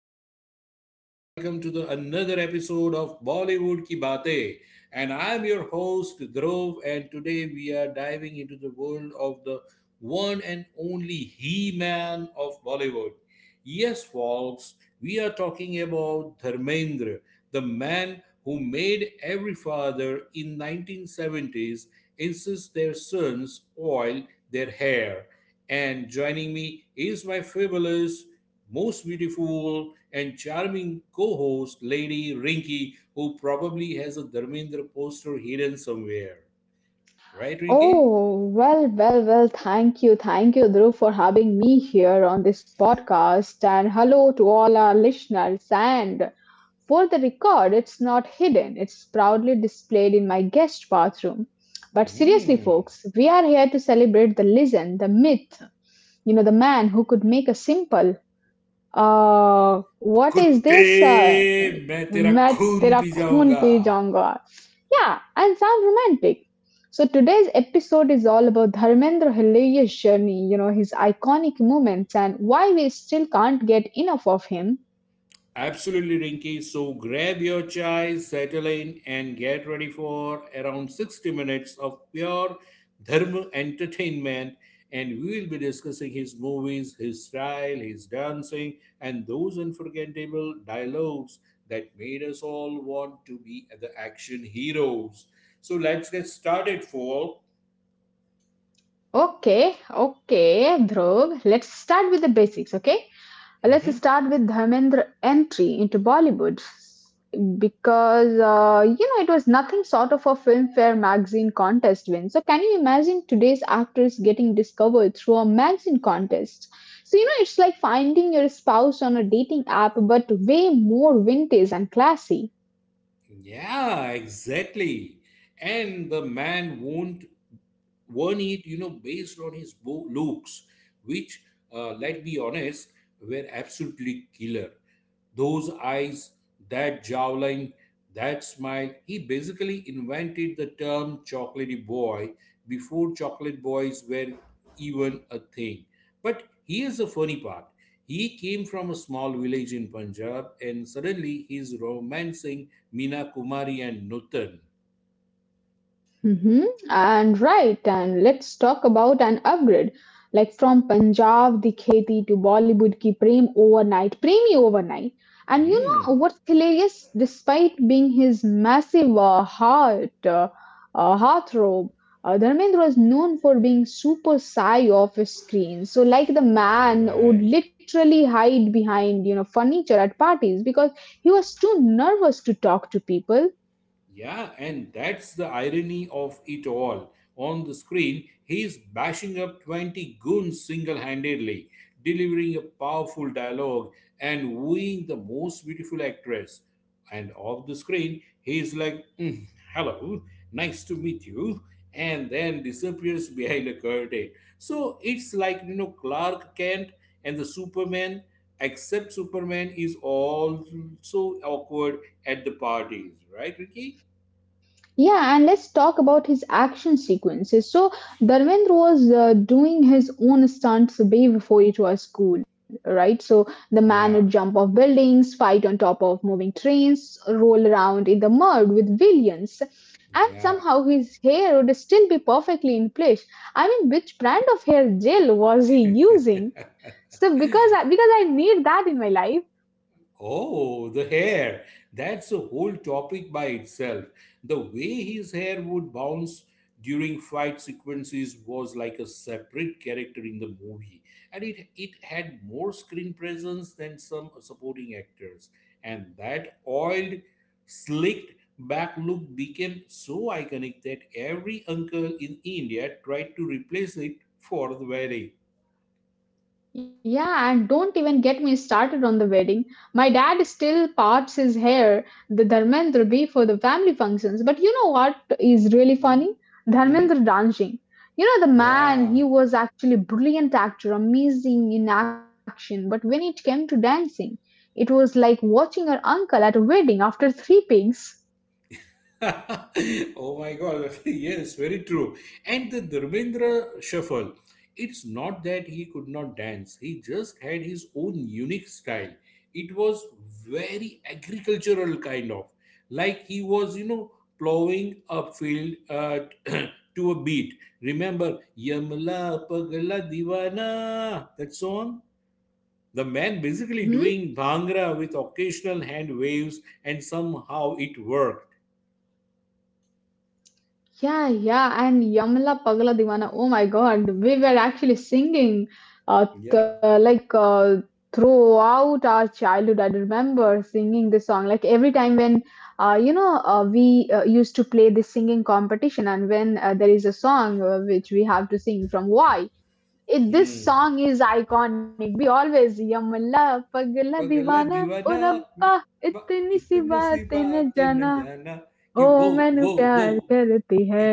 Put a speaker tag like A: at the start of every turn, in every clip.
A: welcome, welcome, welcome to the another episode of Bollywood Ki Baatein. And I'm your host Dhruv, and today we are diving into the world of the one and only He-Man of Bollywood. Yes, folks, we are talking about Dharmendra, the man who made every father in 1970s insist their sons oil their hair, and joining me is my fabulous, most beautiful, and charming co host, Lady Rinky, who probably has a Dharmendra poster hidden somewhere. Right, Rinky?
B: Oh, well, well, well, thank you. Thank you, Dhruv, for having me here on this podcast. And hello to all our listeners. And for the record, it's not hidden, it's proudly displayed in my guest bathroom. But seriously,
A: Hmm.
B: folks, we are here to celebrate the legend, the myth, the man who could make a simple, what is
A: कुत्ते
B: this?
A: मैं तेरा
B: मैं
A: खून
B: तेरा
A: P
B: खून
A: जाऊंगा
B: P जाऊंगा, yeah, and sound romantic. So today's episode is all about Dharmendra Hilarious journey, his iconic moments and why we still can't get enough of him.
A: Absolutely, Rinky. So grab your chai, settle in, and get ready for around 60 minutes of pure Dharma entertainment. And we will be discussing his movies, his style, his dancing, and those unforgettable dialogues that made us all want to be the action heroes. So let's get started, for.
B: Okay, Dhruv, let's start with the basics, okay? Let's
A: Mhm.
B: start with Dharmendra entry into Bollywood because you know, it was nothing sort of a filmfare magazine contest win. So can you imagine today's actors getting discovered through a magazine contest? So you know, it's like finding your spouse on a dating app, but way more vintage and classy.
A: Yeah, exactly. And the man won't One, it, you know, based on his looks, which, let's be honest, were absolutely killer. Those eyes, that jawline, that smile. He basically invented the term chocolatey boy before chocolate boys were even a thing. But here's the funny part. He came from a small village in Punjab, and suddenly he's romancing Meena Kumari and Nutan.
B: Hmm. And right, and let's talk about an upgrade. Like from Punjab the Kheti to Bollywood ki Prem overnight, Premi overnight. And you know
A: Hmm.
B: what's hilarious? Despite being his massive heartthrob, Dharmendra was known for being super shy off his screen. So like, the man would
A: Right.
B: literally hide behind, you know, furniture at parties because he was too nervous to talk to people.
A: Yeah, and that's the irony of it all. On the screen, he's bashing up 20 goons single handedly, delivering a powerful dialogue and wooing the most beautiful actress. And off the screen, he's like, "Mm, hello, nice to meet you," and then disappears behind a curtain. So it's like, you know, Clark Kent and the Superman, except Superman is also awkward at the parties, right, Ricky?
B: Yeah, and let's talk about his action sequences. So, Dharmendra was doing his own stunts way before it was cool, right? So, the man would
A: Yeah,
B: jump off buildings, fight on top of moving trains, roll around in the mud with villains, and
A: yeah.
B: somehow his hair would still be perfectly in place. I mean, which brand of hair gel was he using? So, because I need that in my life.
A: Oh, the hair. That's a whole topic by itself. The way his hair would bounce during fight sequences was like a separate character in the movie, and it had more screen presence than some supporting actors. And that oiled, slicked back look became so iconic that every uncle in India tried to replace it for the wedding.
B: Yeah, and don't even get me started on the wedding. My dad still parts his hair, the Dharmendra be for the family functions. But you know what is really
A: Mhm,
B: funny?
A: mhm.
B: Dharmendra dancing. You know, the man,
A: Yeah.
B: he was actually brilliant actor, amazing in action. But when it came to dancing, it was like watching your uncle at a wedding after three pigs.
A: Oh my god, yes, very true. And the Dharmendra shuffle, it's not that he could not dance, he just had his own unique style. It was very agricultural kind of, like he was, plowing a field, to a beat. Remember Yamla Pagla Divana, that song? The man basically
B: Mm-hmm.
A: doing bhangra with occasional hand waves, and somehow it worked.
B: Yeah, yeah, and Yamla Pagla Divana. Oh my God, we were actually singing, uh,
A: Yeah.
B: th- like uh, throughout our childhood. I remember singing this song. Like every time when, you know, we used to play this singing competition, and when there is a song which we have to sing from Y, it this
A: hmm
B: song is iconic. We always Yamla Pagla
A: पगला
B: Divana. O
A: दीवाना
B: Rabba,
A: बा-
B: itni si
A: इतना सी
B: baatein na
A: बात न
B: jana.
A: जाना
B: ओ
A: कि वो
B: मैनू
A: वो वो
B: प्यार करती है,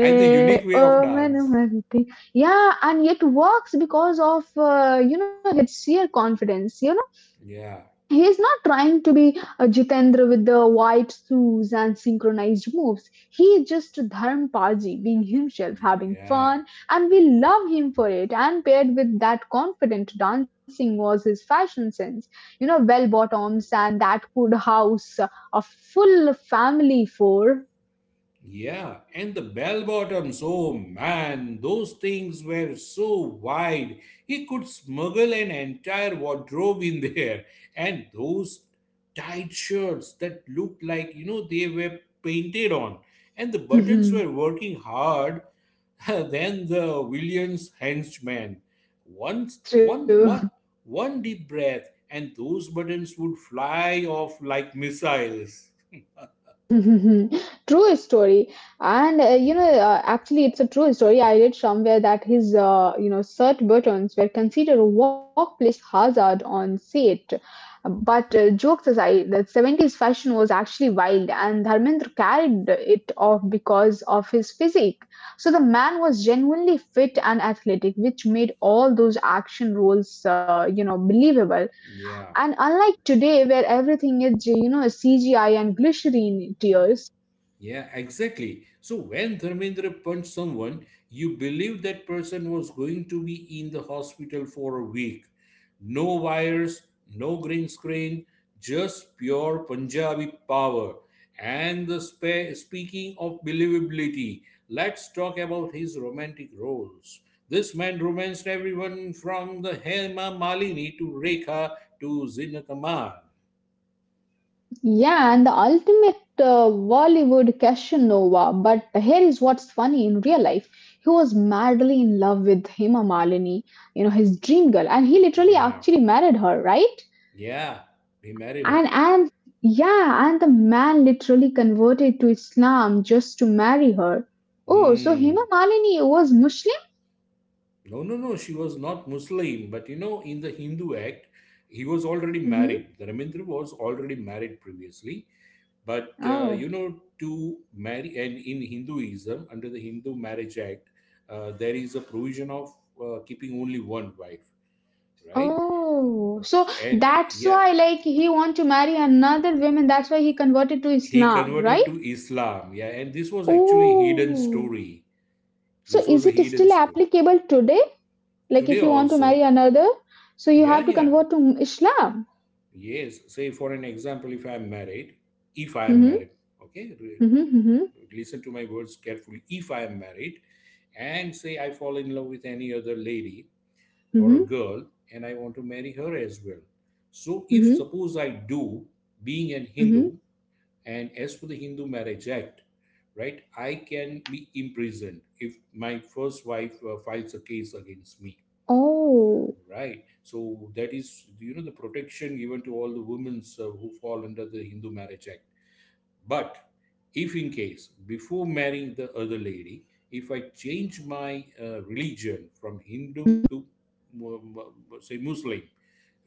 A: And the unique way
B: O
A: of
B: मैनू
A: dance.
B: मरती, yeah, and it works because of you know, his sheer confidence. You know,
A: Yeah,
B: he's not trying to be Jitendra with the white shoes and synchronized moves. He's just Dharm paji being himself, having
A: yeah.
B: fun, and we love him for it. And paired with that confident dancing was his fashion sense, you know, well bottoms and that could house a full family for.
A: Yeah, and the bell bottoms, oh man, those things were so wide. He could smuggle an entire wardrobe in there. And those tight shirts that looked like, they were painted on. And the buttons were
B: Mhm.
A: working hard than the Williams henchman. Once, one, one,
B: True.
A: one deep breath, and those buttons would fly off like missiles.
B: True story. And you know, actually, it's a true story. I read somewhere that his, you know, shirt buttons were considered a workplace hazard on set. But jokes aside, the 70s fashion was actually wild, and Dharmendra carried it off because of his physique. So the man was genuinely fit and athletic, which made all those action roles, you know, believable.
A: Yeah.
B: And unlike today, where everything is, you know, CGI and glycerine tears,
A: Yeah, exactly. So when Dharmendra punched someone, you believed that person was going to be in the hospital for a week. No wires, no green screen, just pure Punjabi power. And speaking of believability, let's talk about his romantic roles. This man romanced everyone from the Hema Malini to Rekha to Zina Kamal.
B: yeah, and the ultimate Bollywood Casanova. But here is what's funny in real life. He was madly in love with Hema Malini, you know, his dream girl, and he literally
A: Yeah,
B: actually married her, right?
A: yeah, he married her.
B: And yeah, and the man literally converted to Islam just to marry her. Oh, so
A: Hmm.
B: Hema Malini was Muslim?
A: No, no, no. She was not Muslim, but you know, in the Hindu Act, he was already
B: Hmm.
A: married. The Ramindra was already married previously, but
B: Oh.
A: to marry, and in Hinduism, under the Hindu Marriage Act, there is a provision of keeping only one wife, right?
B: Oh, so
A: And
B: that's
A: yeah,
B: why like he want to marry another woman. That's why he converted to
A: he
B: Islam, right?
A: converted to Islam. Yeah, and this was actually hidden
B: Oh,
A: story.
B: so
A: This was
B: is
A: a
B: it
A: hidden
B: still
A: story.
B: applicable today? Like
A: Today
B: if you want to marry
A: also,
B: another, so you
A: yeah,
B: have to
A: yeah.
B: convert to Islam.
A: Yes, say for an example, if I am married, if I am
B: Mm-hmm.
A: married, okay,
B: Mm-hmm.
A: listen to my words carefully. If I am married, and say I fall in love with any other lady or a
B: Mm-hmm. Mm-hmm.
A: girl, and I want to marry her as well. So, if
B: Mm-hmm.
A: suppose I do, being an
B: Mm-hmm.
A: Hindu, and as per the Hindu Marriage Act, right, I can be imprisoned if my first wife files a case against me.
B: Oh.
A: Right. So that is, the protection given to all the women who fall under the Hindu Marriage Act. But if in case, before marrying the other lady, if I change my religion from Hindu
B: Mm-hmm.
A: to, say, Muslim,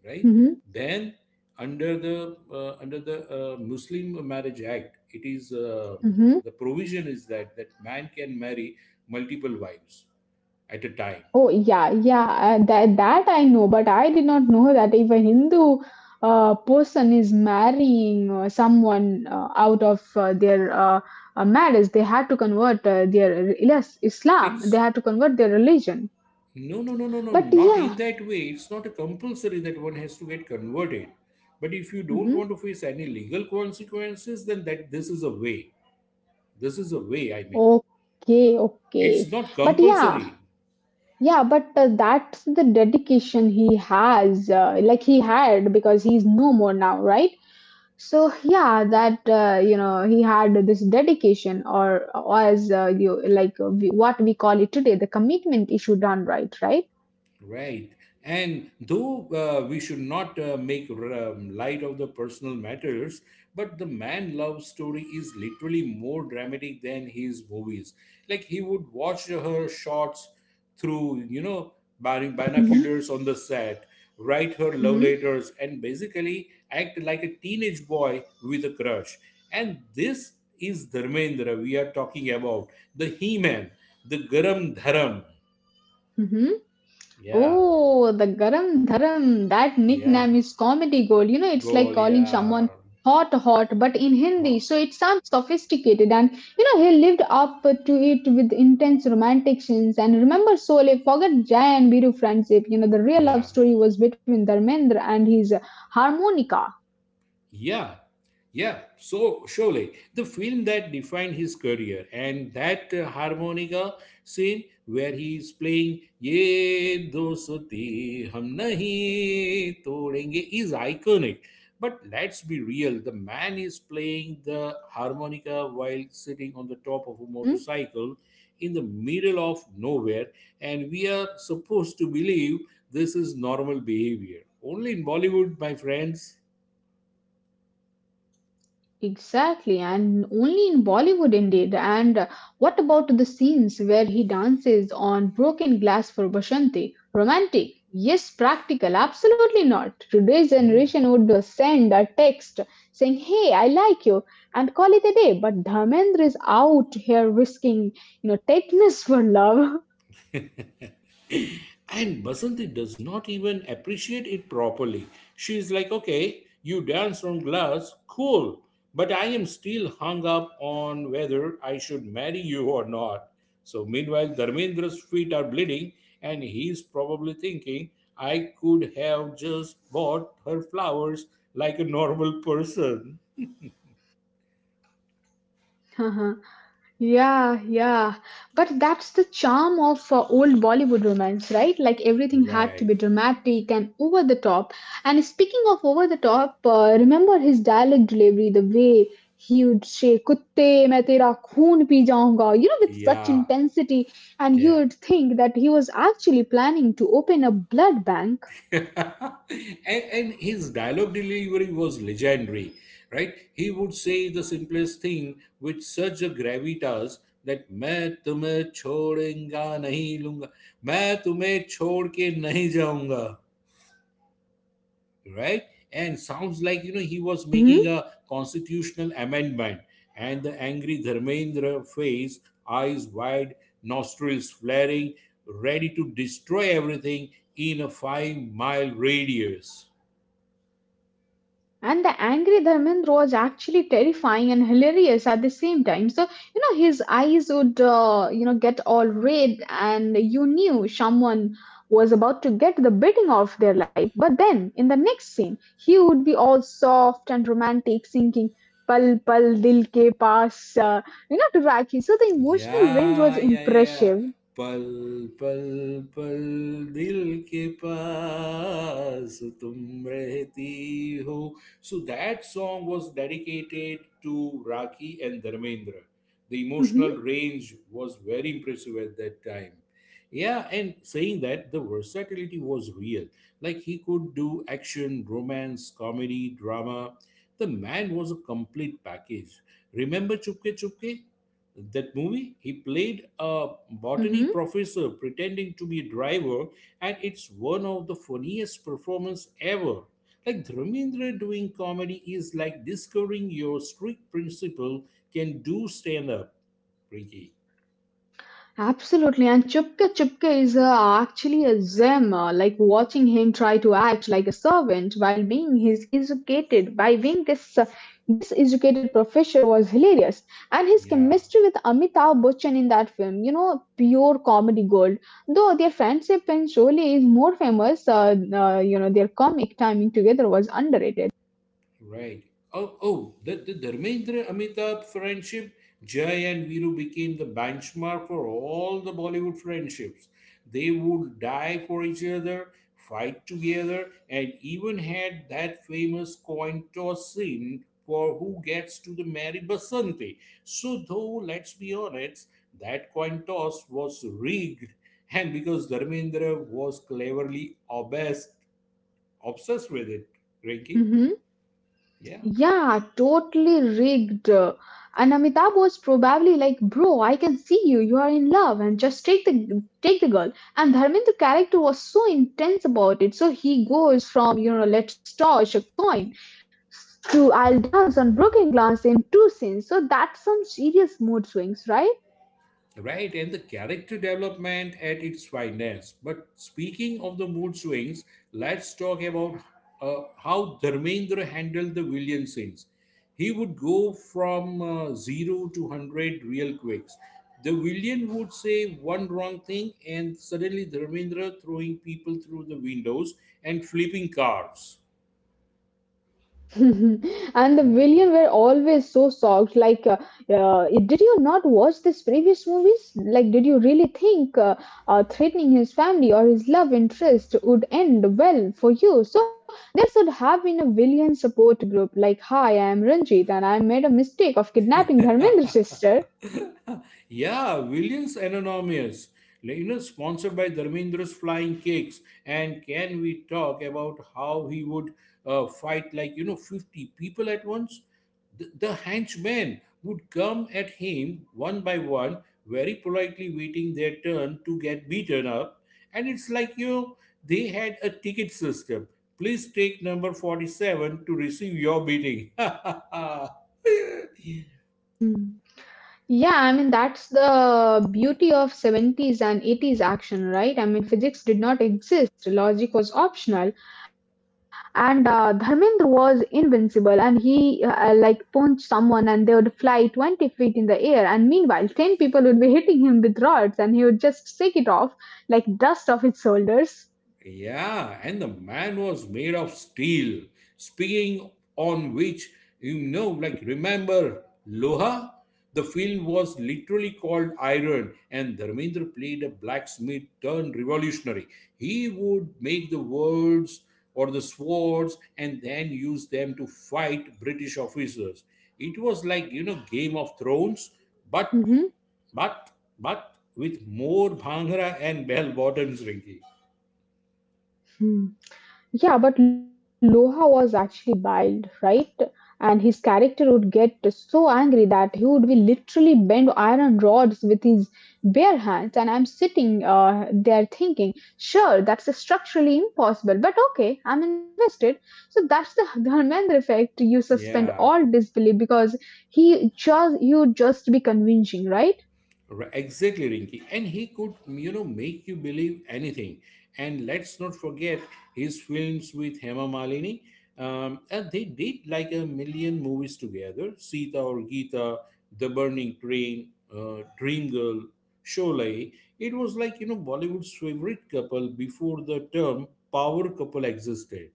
A: right,
B: Mm-hmm.
A: then under the Muslim Marriage Act, it is,
B: Mm-hmm.
A: the provision is that that man can marry multiple wives at a time.
B: Oh yeah, yeah. That that I know, but I did not know that if a Hindu person is marrying someone out of their marriage, they had to convert their yes Islam. They
A: It's
B: had to convert their religion.
A: No, no, no, no, no, no,
B: But
A: not in
B: yeah,
A: that way. It's not a compulsory that one has to get converted. But if you don't
B: hmm,
A: want to face any legal consequences, then that this is a way. This is a way, I mean.
B: okay,
A: It's
B: okay.
A: not
B: But yeah,
A: compulsory.
B: yeah, but that's the dedication he has, like he had, because he's no more now, right? So yeah, that you know, he had this dedication, or as you like we, what we call it today, the commitment issue done right, right?
A: Right. And though we should not make light of the personal matters, but the man love story is literally more dramatic than his movies. Like he would watch her shots through,
B: Mm-hmm.
A: binoculars on the set, write her love
B: Mm-hmm.
A: letters, and basically act like a teenage boy with a crush. And this is Dharmendra we are talking about, the He Man, the Garam Dharam.
B: Mm-hmm.
A: Yeah,
B: Oh, the garam dharam, that
A: yeah.
B: nickname is comedy gold. You know, it's like
A: gol
B: calling
A: ya
B: someone hot hot, but in Hindi.
A: ho-
B: So it sounds sophisticated. And, you know, he lived up to it with intense romantic scenes. And remember Sole, forget Jai and Biru friendship. You know, the real
A: ya
B: love story was between Dharmendra and his harmonica.
A: Yeah, yeah, so surely the film that defined his career, and that harmonica scene where he is playing Ye Dosti Hum Nahi Todenge is iconic. But let's be real, the man is playing the harmonica while sitting on the top of a
B: Mm-hmm.
A: motorcycle in the middle of nowhere, and we are supposed to believe this is normal behavior. Only in Bollywood, my friends.
B: Exactly, and only in Bollywood indeed. And what about the scenes where he dances on broken glass for Bashanti? Romantic? Yes. Practical? Absolutely not. Today's
A: Hmm.
B: generation would send a text saying, "Hey, I like you," and call it a day. But Dharmendra is out here risking, you know, tetanus for love.
A: And Basanti does not even appreciate it properly. She is like, okay, you danced on glass, cool, but I am still hung up on whether I should marry you or not. So, meanwhile, Dharmendra's feet are bleeding, and he's probably thinking, I could have just bought her flowers like a normal person.
B: Yeah, yeah. But that's the charm of old Bollywood romance, right? Like everything had to
A: Right.
B: be dramatic and over the top. And speaking of over the top, remember his dialect delivery, the way he would say "kutte main tera khoon pee jaunga," you know, with such
A: Yeah.
B: intensity, and you
A: Yeah.
B: would think that he was actually planning to open a blood bank.
A: and, and his dialogue delivery was legendary, right? He would say the simplest thing with such a gravitas that मैं तुम्हें छोड़ेंगा नहीं लूंगा मैं तुम्हें छोड़ के नहीं जाऊंगा, right? And sounds like, he was making
B: Mm-hmm.
A: a constitutional amendment. And the angry Dharmendra face, eyes wide, nostrils flaring, ready to destroy everything in a 5-mile radius.
B: And the angry Dharmendra was actually terrifying and hilarious at the same time. So, you know, his eyes would, you know, get all red, and you knew someone was about to get the beating of their life. But then, in the next scene, he would be all soft and romantic, singing Pal Pal Dil Ke Paas to Rakhi. So, the emotional range
A: या
B: was
A: या या
B: impressive.
A: पल पल पल दिल के पास तुम रहती हो So that song was dedicated to Raki and Dharmendra. The
B: Hmm.
A: emotional range was very impressive at that time. Yeah, and saying that, the versatility was real. Like he could do action, romance, comedy, drama. The man was a complete package. Remember Chupke Chupke? That movie he played a
B: Hmm.
A: botany professor pretending to be a driver, and it's one of the funniest performance ever. Like Dharmendra doing comedy is like discovering your strict principle can do stand up, Ricky.
B: Absolutely, and Chupka Chupka is actually a gem. Like watching him try to act like a servant while being his educated by being this this educated professor was hilarious, and his
A: Yeah.
B: chemistry with Amitabh Bachchan in that film, you know, pure comedy gold. Though their friendship in Sholay is more famous, you know, their comic timing together was underrated.
A: Right. Oh, the Dharmendra Amitabh friendship, Jai and Viru became the benchmark for all the Bollywood friendships. They would die for each other, fight together, and even had that famous coin toss scene for who gets to the marry Basanti. So, though, let's be honest, that coin toss was rigged, and because Dharmendra was cleverly obsessed with it, Rinki.
B: Mm-hmm.
A: Yeah.
B: Yeah, totally rigged. And Amitabh was probably like, "Bro, I can see you. You are in love, and just take the girl." And Dharmendra's character was so intense about it. So he goes from, you know, let's toss a coin to I'll dance on broken glass in two scenes. So that's some serious mood swings, right?
A: Right, and the character development at its finest. But speaking of the mood swings, let's talk about how Dharmendra handled the villain scenes. He would go from 0 to 100 real quicks. The villain would say one wrong thing, and suddenly Dharmendra throwing people through the windows and flipping cars.
B: And the villain were always so shocked. Like, uh, did you not watch these previous movies? Like, did you really think threatening his family or his love interest would end well for you? So there should have been a villain support group. Like, hi, I am Ranjit, and I made a mistake of kidnapping Dharmendra's sister.
A: Yeah, Williams Anonymous, like, sponsored by Dharmendra's Flying Cakes. And can we talk about how he would fight like, 50 people at once? The henchmen would come at him one by one, very politely waiting their turn to get beaten up. And it's like, they had a ticket system. Please take number 47 to receive your beating.
B: Hmm. Yeah, I mean that's the beauty of 70s and 80s action, right? I mean physics did not exist, logic was optional, and Dharmendra was invincible, and he like punched someone and they would fly 20 feet in the air, and meanwhile 10 people would be hitting him with rods and he would just shake it off, like dust off his shoulders.
A: Yeah, and the man was made of steel. Speaking on which, like remember Loha? The film was literally called Iron, and Dharmendra played a blacksmith turned revolutionary. He would make the words or the swords and then use them to fight British officers. It was like, Game of Thrones, but
B: Mm-hmm.
A: but with more bhangra and bell bottoms, Rinky.
B: Yeah, but Loha was actually wild, right? And his character would get so angry that he would be literally bend iron rods with his bare hands. And I'm sitting there thinking, sure, that's structurally impossible, but okay, I'm invested. So that's the Dharmendra effect. You suspend all
A: Yeah,
B: disbelief because he just you would just be convincing, right?
A: exactly, Rinky. And he could, make you believe anything. And let's not forget his films with Hema Malini. And they did like a million movies together: Sita or Gita, The Burning Train, Dream Girl, Sholay. It was like, Bollywood's favorite couple before the term power couple existed.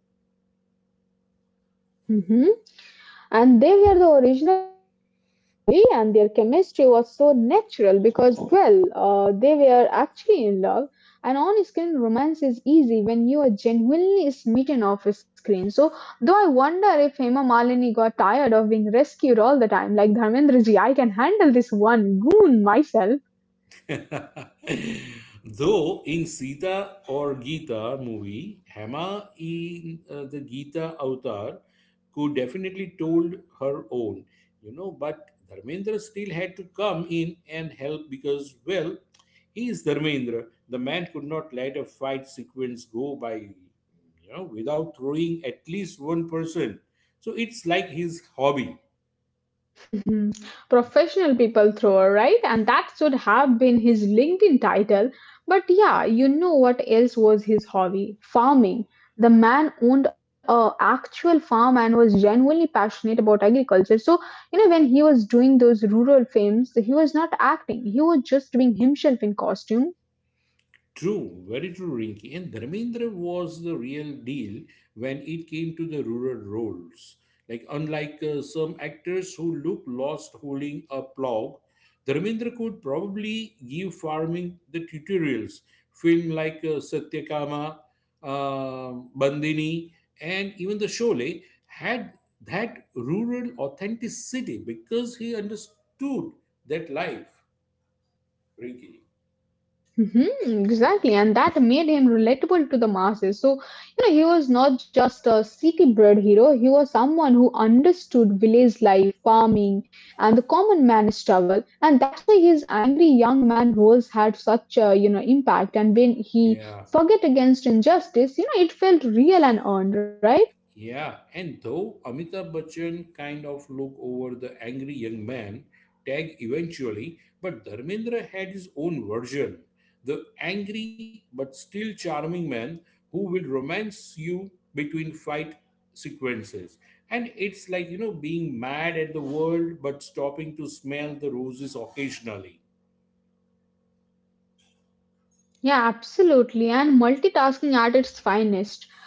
B: Mhm. And they were the original power couple actually, and their chemistry was so natural because, well, they were actually in love. And on screen romance is easy when you are genuinely smitten off screen. So, though I wonder if Hema Malini got tired of being rescued all the time, like Dharmendra ji, I can handle this one goon myself.
A: Though in Sita or Gita movie, Hema in the Gita Avatar could definitely told her own, but Dharmendra still had to come in and help because, well, he is Dharmendra. The man could not let a fight sequence go by, you know, without throwing at least one person. So it's like his hobby.
B: Professional people thrower, right? And that should have been his LinkedIn title. But yeah, you know what else was his hobby? Farming. The man owned a actual farm and was genuinely passionate about agriculture. So, you know, when he was doing those rural films, he was not acting. He was just doing himself in costume.
A: True, very true, Rinki. And Dharmendra was the real deal when it came to the rural roles. Like, unlike some actors who look lost holding a plow, Dharmendra could probably give farming the tutorials. Film like Satyakama, Bandini, and even the Sholay had that rural authenticity because he understood that life, Rinki.
B: Mhm, exactly, and that made him relatable to the masses. So, you know, he was not just a city bred hero, he was someone who understood village life, farming, and the common man's struggle. And that's why his angry young man roles had such a, impact. And when he
A: Yeah.
B: forget against injustice, it felt real and earned, right?
A: Yeah, and though Amitabh Bachchan kind of looked over the angry young man tag eventually, but Dharmendra had his own version. The angry but still charming man who will romance you between fight sequences. And it's like, you know, being mad at the world but stopping to smell the roses occasionally.
B: Yeah, absolutely. And multitasking at its finest.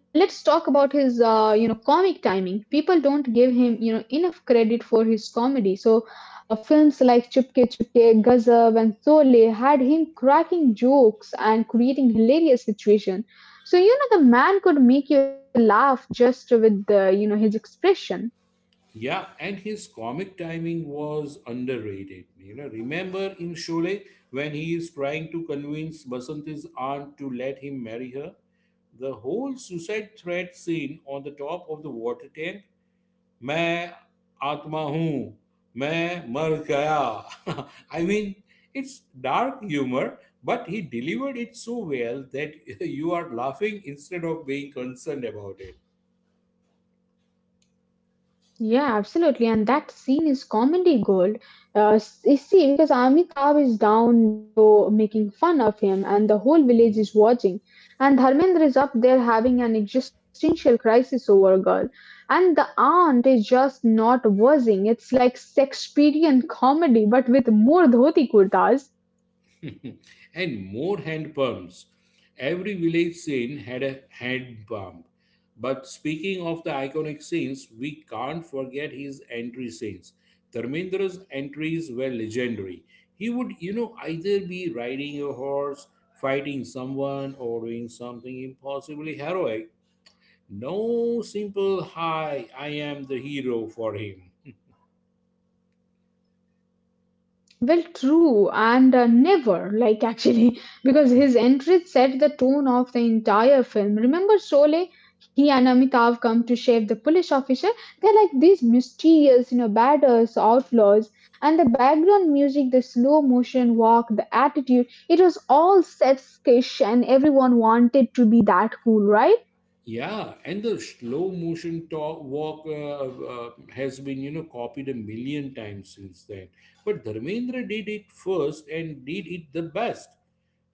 B: And let's talk about his, comic timing. People don't give him, enough credit for his comedy. So, films like Chupke Chupke, Gazab, and Sole had him cracking jokes and creating hilarious situation. So, the man could make you laugh just with, his expression.
A: Yeah, and his comic timing was underrated. You know, remember in Sholay when he is trying to convince Basanti's aunt to let him marry her? The whole suicide threat scene on the top of the water tank. मैं आत्मा हूँ, मैं मर गया. I mean, it's dark humor, but he delivered it so well that you are laughing instead of being concerned about it.
B: Yeah, absolutely. And that scene is comedy gold. You see, because Amitabh is down below making fun of him, and the whole village
A: Mm-hmm.
B: is watching. And Dharmendra is up there having an existential crisis over a girl. And the aunt is just not wussing. It's like Shakespearean comedy, but with more dhoti kurtas.
A: And more hand pumps. Every village scene had a hand pump. But speaking of the iconic scenes, we can't forget his entry scenes. Dharmendra's entries were legendary. He would, you know, either be riding a horse, fighting someone, or doing something impossibly heroic. No simple, hi, I am the hero for him.
B: Well, true, and never, like actually, because his entrance set the tone of the entire film. Remember Sholay? He and Amitav come to save the police officer. They're like these mysterious, badass outlaws. And the background music, the slow motion walk, the attitude, it was all set sketch, and everyone wanted to be that cool, right?
A: Yeah, and the slow motion talk, walk has been, you know, copied a million times since then. But Dharmendra did it first and did it the best.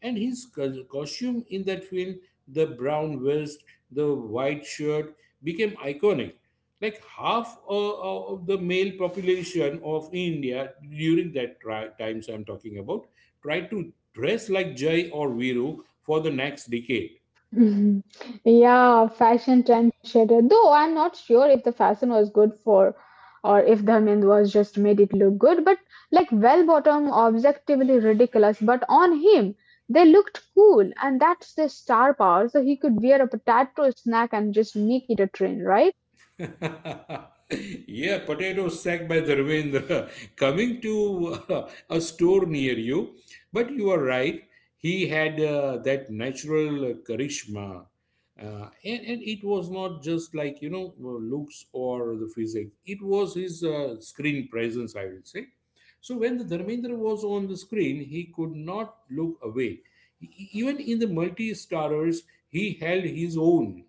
A: And his costume in that film, the brown vest, the white shirt, became iconic. Like half of the male population of India during that times I'm talking about tried to dress like Jai or Viru for the next decade.
B: Mhm. Yeah, fashion trend shader. Though I'm not sure if the fashion was good for or if Dharmendra was just made it look good, but like well bottom objectively ridiculous, but on him they looked cool and that's the star power. So he could wear a potato snack and just make it a trend, right?
A: Yeah, potato sack by Dharmendra coming to a store near you. But you are right, he had that natural charisma. And it was not just like, you know, looks or the physique, it was his screen presence, I will say. So when the Dharmendra was on the screen, he could not look away. Even in the multi starrers, he held his own.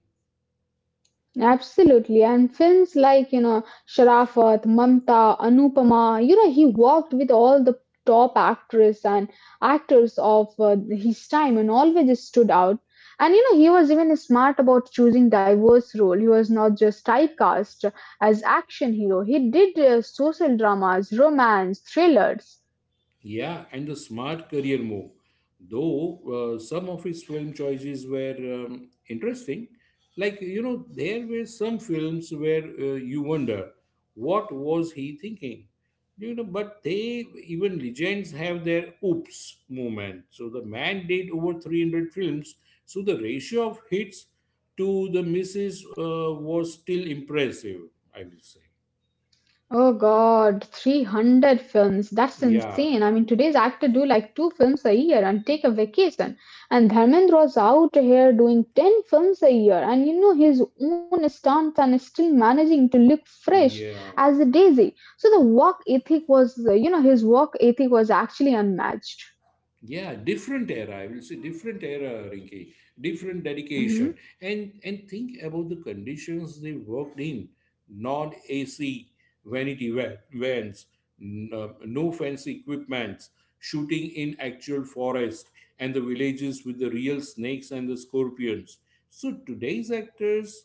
B: Absolutely. And films like, Sharafat, Mamta, Anupama, he worked with all the top actors and actors of his time and always stood out. And, he was even smart about choosing diverse role. He was not just typecast as action hero. He did social dramas, romance, thrillers.
A: Yeah, and the smart career move. Though some of his film choices were interesting, like, you know, there were some films where you wonder what was he thinking, you know. But they even legends have their oops moment. So the man did over 300 films, so the ratio of hits to the misses was still impressive. I will say,
B: Oh God, 300 films. That's
A: yeah,
B: insane. I mean, today's actor do like two films a year and take a vacation. And Dharmendra was out here doing 10 films a year and you know his own stunts and still managing to look fresh
A: yeah.
B: as a daisy. So the work ethic was, his work ethic was actually unmatched.
A: Yeah, different era, I will say. Different era, Rinki. Different dedication.
B: Mm-hmm.
A: And think about the conditions they worked in: non AC vanity vans, no fancy equipments, shooting in actual forest and the villages with the real snakes and the scorpions. So today's actors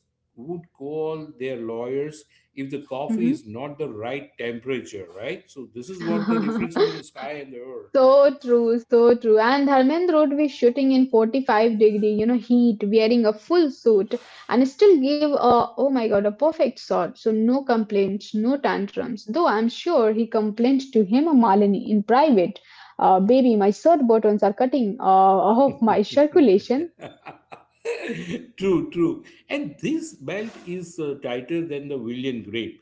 A: would call their lawyers if the coffee is not the right temperature, right? So this is what the
B: Mm-hmm.
A: difference between the sky and the
B: So
A: earth.
B: true, so true. And Dharmendra would be shooting in 45 degree, heat, wearing a full suit, and still give a, oh my God, a perfect shot. So no complaints, no tantrums. Though I'm sure he complained to him, Malini, in private. Baby, my shirt buttons are cutting off my circulation.
A: True, true. And this belt is tighter than the William grape,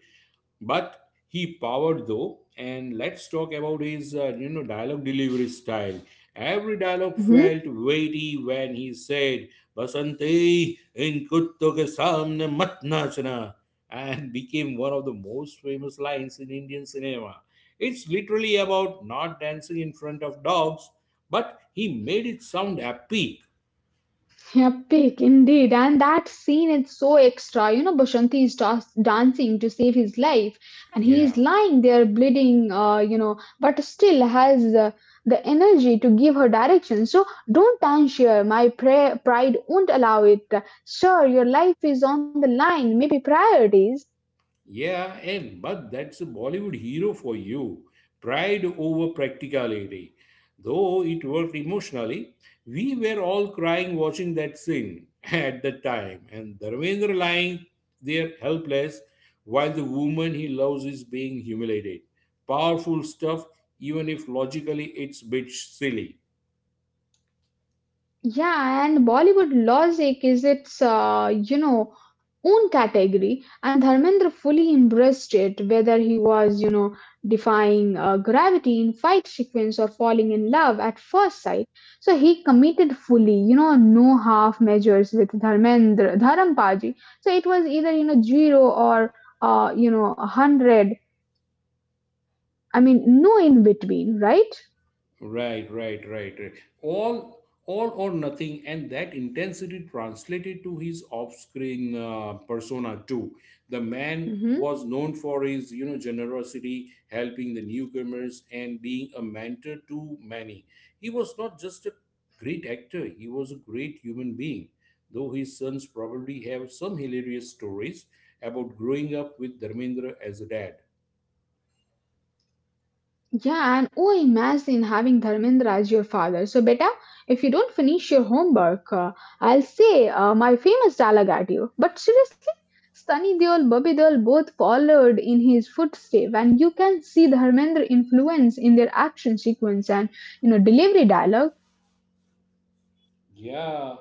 A: but he powered though. And let's talk about his, you know, dialogue delivery style. Every dialogue
B: Mm-hmm.
A: felt weighty when he said, "Basanti in kutto ke samne mat nachna," and became one of the most famous lines in Indian cinema. It's literally about not dancing in front of dogs, but he made it sound epic.
B: Yeah, pick indeed, and that scene is so extra. You know, Bashanti is just dancing to save his life, and he
A: Yeah,
B: is lying there bleeding, but still has the energy to give her direction. So, don't answer. My pride won't allow it. Sir, your life is on the line, maybe priorities.
A: yeah, and but that's a Bollywood hero for you. Pride over practicality. Though it worked emotionally, we were all crying watching that scene at the time, and Dharmendra lying there helpless while the woman he loves is being humiliated. Powerful stuff, even if logically it's a bit silly.
B: Yeah, and Bollywood logic is its, own category, and Dharmendra fully embraced it, whether he was, defying gravity in fight sequence or falling in love at first sight. So he committed fully, no half measures with Dharmendra, Dharampaji. So it was either, zero or, a hundred. I mean, no in between, right?
A: Right, right, right, right. All or nothing, and that intensity translated to his off-screen persona too. The man was known for his, you know, generosity, helping the newcomers, and being a mentor to many. He was not just a great actor; he was a great human being. Though his sons probably have some hilarious stories about growing up with Dharmendra as a dad.
B: Yeah, and oh, imagine having Dharmendra as your father. So, beta, if you don't finish your homework, I'll say my famous dialogue at you. But seriously, Sunny Deol, Bobby Deol both followed in his footsteps, and you can see the Dharmendra influence in their action sequence and you know delivery dialog
A: Yeah,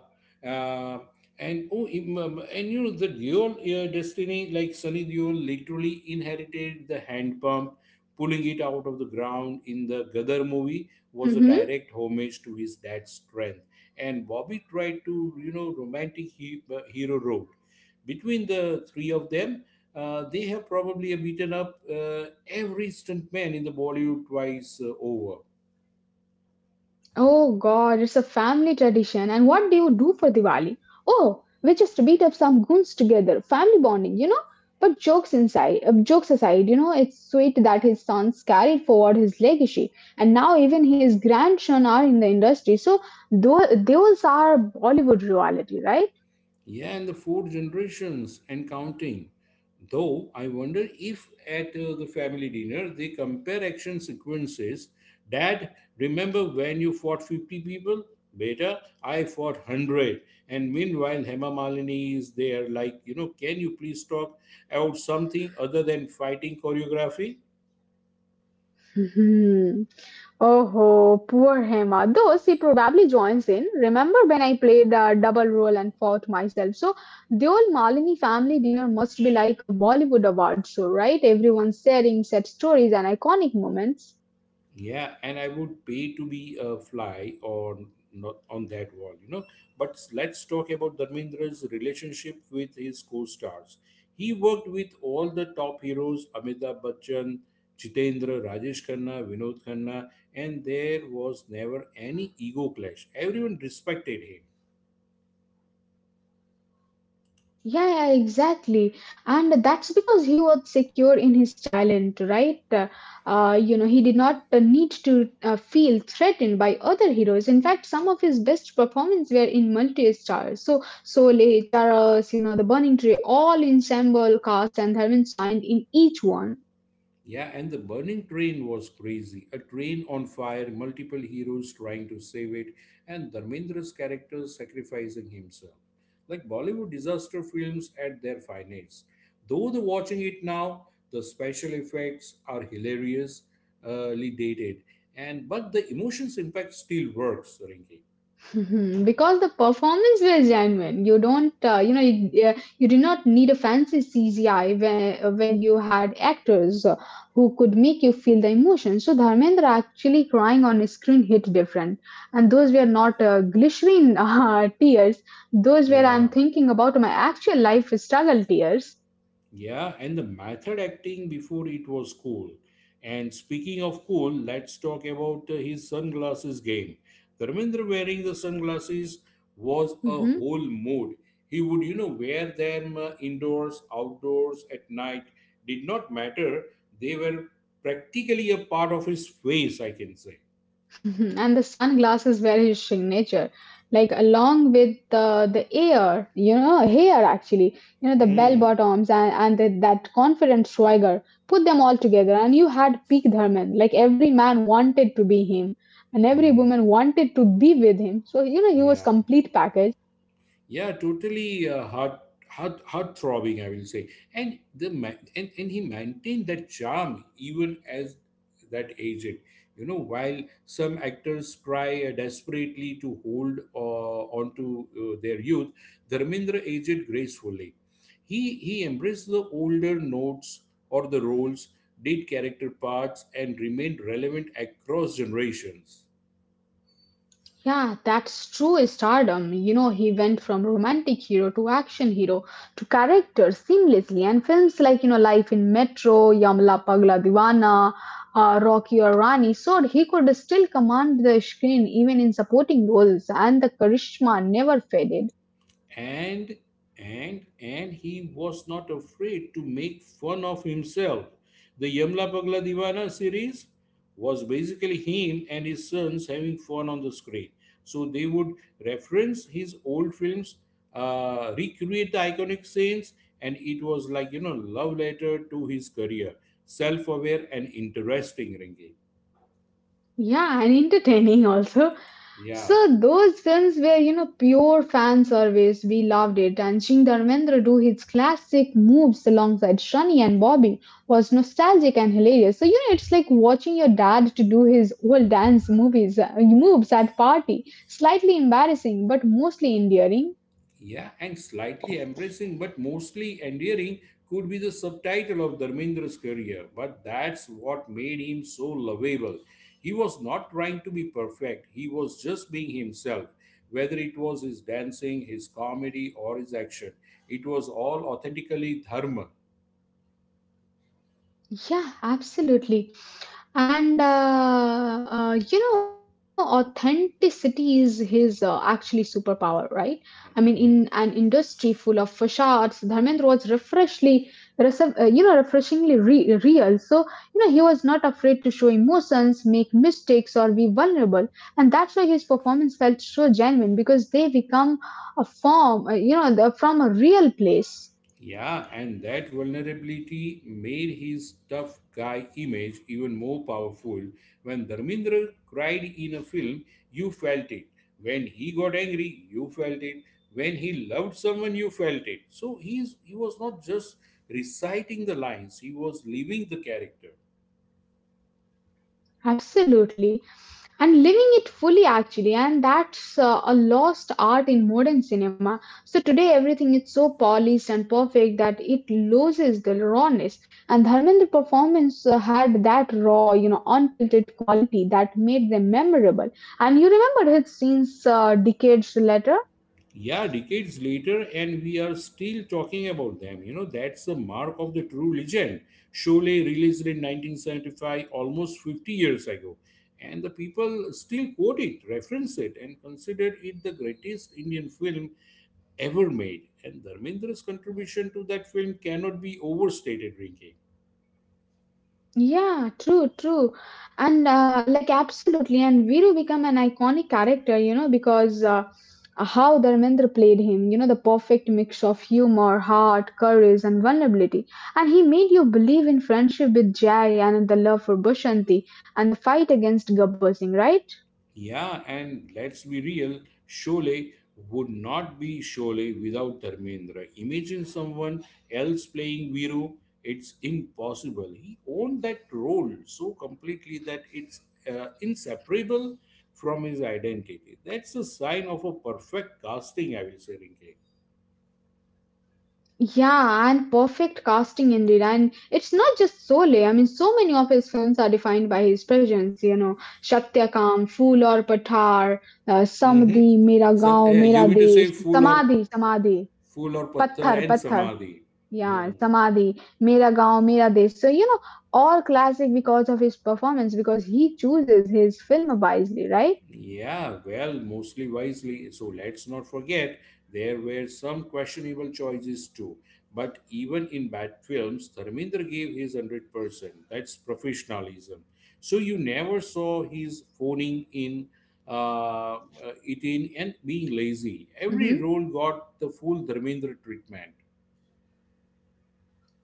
A: uh, and oh, and you know the dual destiny, like Sunny Deol literally inherited the hand pump, pulling it out of the ground in the Gadar movie was a direct homage to his dad's strength. And Bobby tried to, you know, romantic hero road. Between the three of them, they have probably beaten up every stuntman in the Bollywood twice over.
B: Oh god, it's a family tradition. And what do you do for Diwali? Oh, we just beat up some goons together. Family bonding, you know? But jokes inside, jokes aside, it's sweet that his sons carried forward his legacy, and now even his grandson are in the industry. So those are Bollywood reality, right?
A: Yeah, and the four generations and counting. Though I wonder if at the family dinner they compare action sequences. Dad, remember when you fought 50 people? Beta, I fought 100. And meanwhile, Hema Malini is there, like, you know, can you please talk about something other than fighting choreography?
B: Hmm. Oh, poor Hema. Though she probably joins in. Remember when I played a double role and fought myself? So the old Malini family dinner must be like a Bollywood award show, right? Everyone sharing set stories and iconic moments.
A: Yeah, and I would pay to be a fly on, not on that wall, you know. But let's talk about Dharmendra's relationship with his co-stars. He worked with all the top heroes: Amitabh Bachchan, Jitendra, Rajesh Khanna, Vinod Khanna, and there was never any ego clash. Everyone respected him.
B: Yeah, yeah, exactly. And that's because he was secure in his talent, right? He did not need to feel threatened by other heroes. In fact, some of his best performances were in multi-stars. So, Sole, Charas, The Burning Tree, all ensemble cast and Dharmin signed in each one.
A: Yeah, and the burning train was crazy. A train on fire, multiple heroes trying to save it, and Dharmendra's character sacrificing himself. Like Bollywood disaster films at their finest. Though the watching it now, the special effects are hilariously dated, and but the emotions impact still works, Rinki.
B: Mhm, because the performance were genuine you don't yeah, you did not need a fancy cgi when you had actors who could make you feel the emotion so dharmendra actually crying on screen hit different and those were not glycerin tears those were
A: Yeah.
B: I'm thinking about my actual life struggle tears
A: Yeah, and the method acting before it was cool. And speaking of cool, let's talk about his sunglasses game. Dharmendra wearing the sunglasses was a
B: Mm-hmm.
A: whole mood. He would, you know, wear them indoors, outdoors, at night. Did not matter. They were practically a part of his face, I can say.
B: Mhm. and the sunglasses were his signature like along with the air you know hair actually you know the bell
A: Hmm.
B: bottoms and the, that confident swagger put them all together and you had peak dharman like every man wanted to be him and every
A: Hmm.
B: woman wanted to be with him so you know he was
A: Yeah.
B: complete package
A: Yeah, totally heart throbbing, I will say. And the ma- and he maintained that charm even as that aged. You know, while some actors try desperately to hold onto their youth, Dharmendra aged gracefully. He embraced the older notes or the roles, did character parts, and remained relevant across generations.
B: Yeah, that's true stardom. You know, he went from romantic hero to action hero to character seamlessly. And films like, Life in Metro, Yamla Pagla Diwana, Rocky or Rani showed he could still command the screen even in supporting roles, and the charisma never faded.
A: and and he was not afraid to make fun of himself. The Yamla Pagla Divana series was basically him and his sons having fun on the screen. So they would reference his old films, recreate the iconic scenes, and it was like, you know, love letter to his career. Self-aware and interesting, Ringy.
B: Yeah, and entertaining also.
A: Yeah.
B: So those films were, pure fan service. We loved it. And seeing Dharmendra do his classic moves alongside Shani and Bobby was nostalgic and hilarious. So, it's like watching your dad to do his old dance movies, moves at party. Slightly embarrassing, but mostly endearing.
A: Yeah, and slightly embracing but mostly endearing could be the subtitle of Dharmendra's career, but that's what made him so lovable. He was not trying to be perfect, he was just being himself. Whether it was his dancing, his comedy, or his action, it was all authentically Dharma.
B: Yeah, absolutely. And authenticity is his actually superpower, right? I mean, in an industry full of facades, Dharmendra was refreshly, refreshingly real. So, he was not afraid to show emotions, make mistakes, or be vulnerable. And that's why his performance felt so genuine because they become a form, from a real place.
A: Yeah, and that vulnerability made his tough guy image even more powerful. When Dharmendra cried in a film, you felt it. When he got angry, you felt it. When he loved someone, you felt it. So he was not just reciting the lines, he was living the character.
B: Absolutely. And living it fully, actually, and that's a lost art in modern cinema. So today, everything is so polished and perfect that it loses the rawness. And Dharmendra's performance had that raw, unfiltered quality that made them memorable. And you remember his scenes decades later.
A: Yeah, decades later and we are still talking about them, you know. That's the mark of the true legend. Sholay released in 1975, almost 50 years ago, and the people still quote it, reference it, and consider it the greatest Indian film ever made. And Dharmendra's contribution to that film cannot be overstated, Rinki.
B: Yeah, true, true. And like absolutely. And Viru become an iconic character, because how Dharmendra played him, the perfect mix of humor, heart, courage, and vulnerability. And he made you believe in friendship with Jai and in the love for Bushanti and the fight against Gabbar Singh, right?
A: Yeah, and let's be real, Sholay would not be Sholay without Dharmendra. Imagine someone else playing Viru. It's impossible. He owned that role so completely that it's inseparable from his identity. That's a sign of a perfect casting, I will say, Rinke.
B: Yeah, and perfect casting indeed. And it's not just Sole. I mean, so many of his films are defined by his presence. You know, Shatyakam, Phool Aur Pathar,
A: Mm-hmm.
B: Samadhi, Mera
A: So,
B: Gaon,
A: you
B: Mera
A: mean to
B: Desh,
A: say
B: Samadhi,
A: fool or pathar
B: Pathar,
A: and
B: Pathar.
A: samadhi? Hmm.
B: Yeah, Samadhi, Mera Gaon, Mera Desh. So, all classic because of his performance, because he chooses his film wisely, right?
A: Yeah, well, mostly wisely. So let's not forget there were some questionable choices too. But even in bad films, Dharmendra gave his 100%. That's professionalism. So you never saw his phoning in uh, uh, it in and being lazy. Every
B: Mm-hmm.
A: role got the full Dharmendra treatment.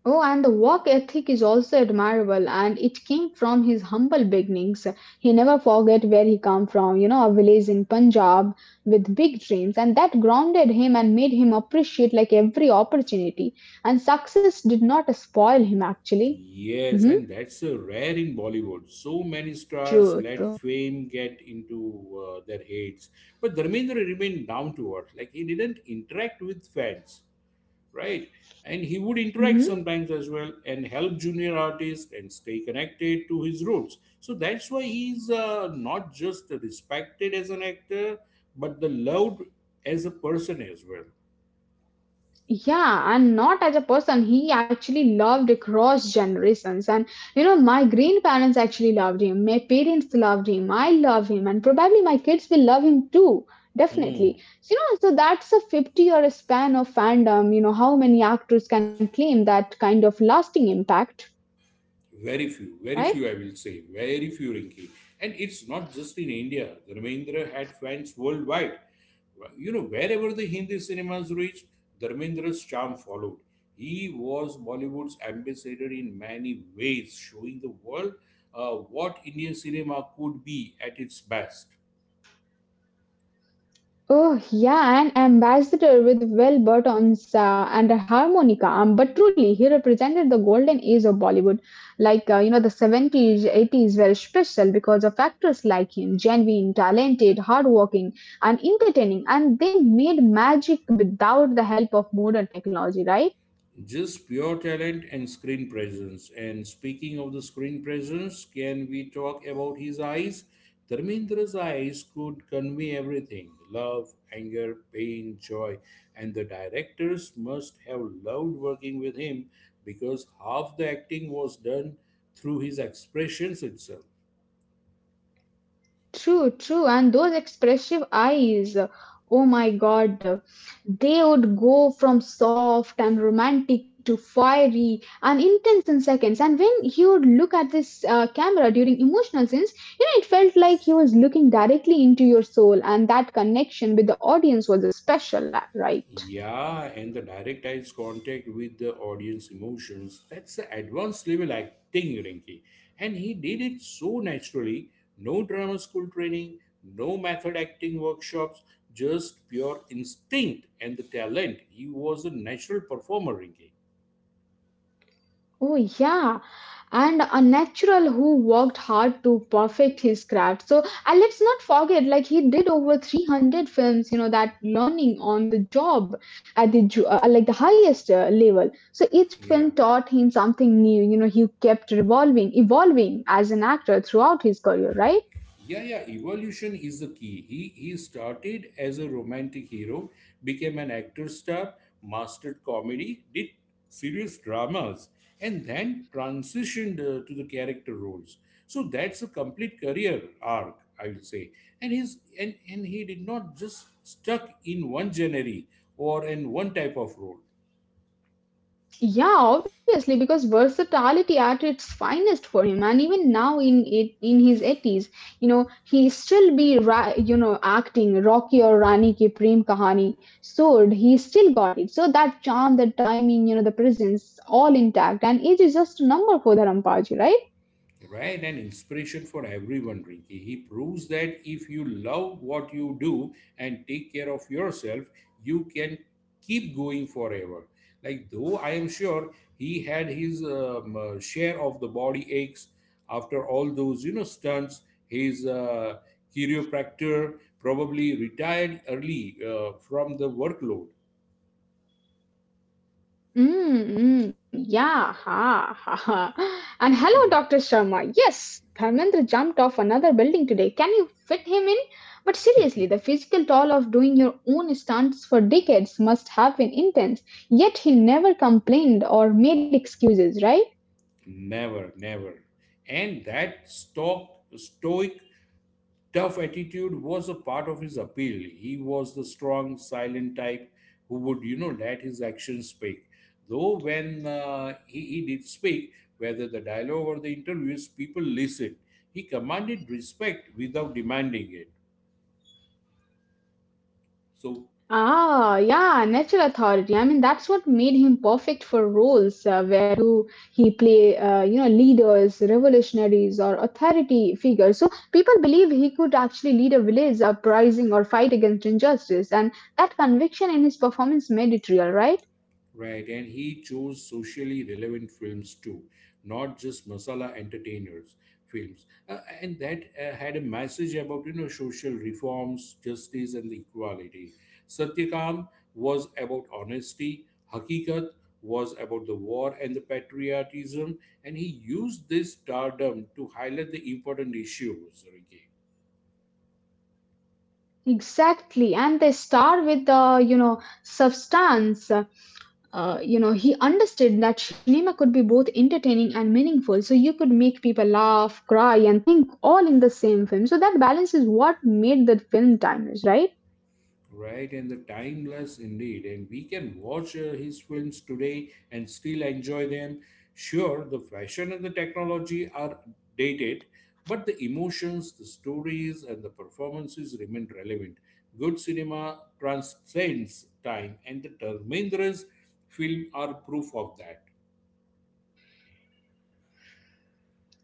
B: Oh, and the work ethic is also admirable, and it came from his humble beginnings. He never forget where he come from, a village in Punjab with big dreams, and that grounded him and made him appreciate like every opportunity. And success did not spoil him actually.
A: Yes,
B: Hmm.
A: and that's a rare in Bollywood. So many stars
B: True,
A: let
B: true.
A: fame get into their heads. But Dharmendra remained down to earth. Like, he didn't interact with fans, right? And he would interact
B: Mhm.
A: sometimes as well and help junior artists and stay connected to his roots. So that's why he's not just respected as an actor, but the loved as a person as well.
B: Yeah, and not as a person. He actually loved across generations. And you know, my grandparents actually loved him. My parents loved him. I love him. And probably my kids will love him too.
A: Hmm.
B: Definitely. So, so that's a 50-year span of fandom. You know, how many actors can claim that kind of lasting impact,
A: Very
B: right?
A: few, I will say, very few, Rinki. And it's not just in India. Dharmendra had fans worldwide. You know, wherever the Hindi cinemas reached, Dharmendra's charm followed. He was Bollywood's ambassador in many ways, showing the world what Indian cinema could be at its best.
B: Oh, yeah, an ambassador with well buttons and a harmonica. But truly, he represented the golden age of Bollywood. Like, the 70s, 80s were special because of actors like him genuine, talented, hardworking, and entertaining. And they made magic without the help of modern technology, right?
A: Just pure talent and screen presence. And speaking of the screen presence, can we talk about his eyes? Dharmendra's eyes could convey everything: love, anger, pain, joy. And the directors must have loved working with him because half the acting was done through his expressions itself.
B: True, true. And those expressive eyes, oh my God, they would go from soft and romantic to fiery and intense in seconds. And when he would look at this camera during emotional scenes, it felt like he was looking directly into your soul, and that connection with the audience was a special, right?
A: Yeah, and the direct eyes contact with the audience emotions. That's the advanced level acting, Rinky. And he did it so naturally. No drama school training, no method acting workshops, just pure instinct and the talent. He was a natural performer, Rinky.
B: Oh, yeah. And a natural who worked hard to perfect his craft. So, and let's not forget, like, he did over 300 films, that learning on the job at the, like, the highest level. So, each film
A: Yeah.
B: taught him something new. You know, he kept revolving, evolving as an actor throughout his career, right?
A: Yeah, yeah, evolution is the key. He started as a romantic hero, became an actor star, mastered comedy, did serious dramas, and then transitioned to the character roles. So that's a complete career arc, I will say. And his and he did not just stuck in one genre or in one type of role.
B: Yeah, obviously, because versatility at its finest for him, and even now in his eighties, you know, he still be ra- you know acting Rocky or Rani ki Prem Kahani sword. He still got it. So that charm, the timing, you know, the presence, all intact, and age is just a number for the Rampaji, right?
A: Right, an inspiration for everyone, Rinki. He proves that if you love what you do and take care of yourself, you can keep going forever. Like, though I am sure he had his share of the body aches after all those, you know, stunts. His chiropractor probably retired early from the workload.
B: Yeah, ha, ha, ha. And hello, Dr. Sharma. Yes, Dharmendra jumped off another building today. Can you fit him in? But seriously, the physical toll of doing your own stunts for decades must have been intense. Yet he never complained or made excuses, right?
A: Never, never. And that stock stoic tough attitude was a part of his appeal. He was the strong, silent type who would, you know, let his actions speak. Though when he did speak, whether the dialogue or the interviews, people listened. He commanded respect without demanding it. So,
B: Ah, yeah, natural authority. I mean, that's what made him perfect for roles where do he play, you know, leaders, revolutionaries, or authority figures. So people believe he could actually lead a village uprising or fight against injustice, and that conviction in his performance made it real, right?
A: right, and he chose socially relevant films too, not just masala entertainers films, and that had a message about, you know, social reforms, justice, and equality. Satyakam was about honesty. Hakikat was about the war and the patriotism, and he used this stardom to highlight the important issues, Ricky.
B: Exactly, and they star with the, you know, substance. You know, he understood that cinema could be both entertaining and meaningful. So you could make people laugh, cry, and think all in the same film. So that balance is what made the film timers, right?
A: Right, and the timeless indeed. And we can watch his films today and still enjoy them. Sure, the fashion and the technology are dated, but the emotions, the stories, and the performances remain relevant. Good cinema transcends time, and the Dharmendra's film are proof of that.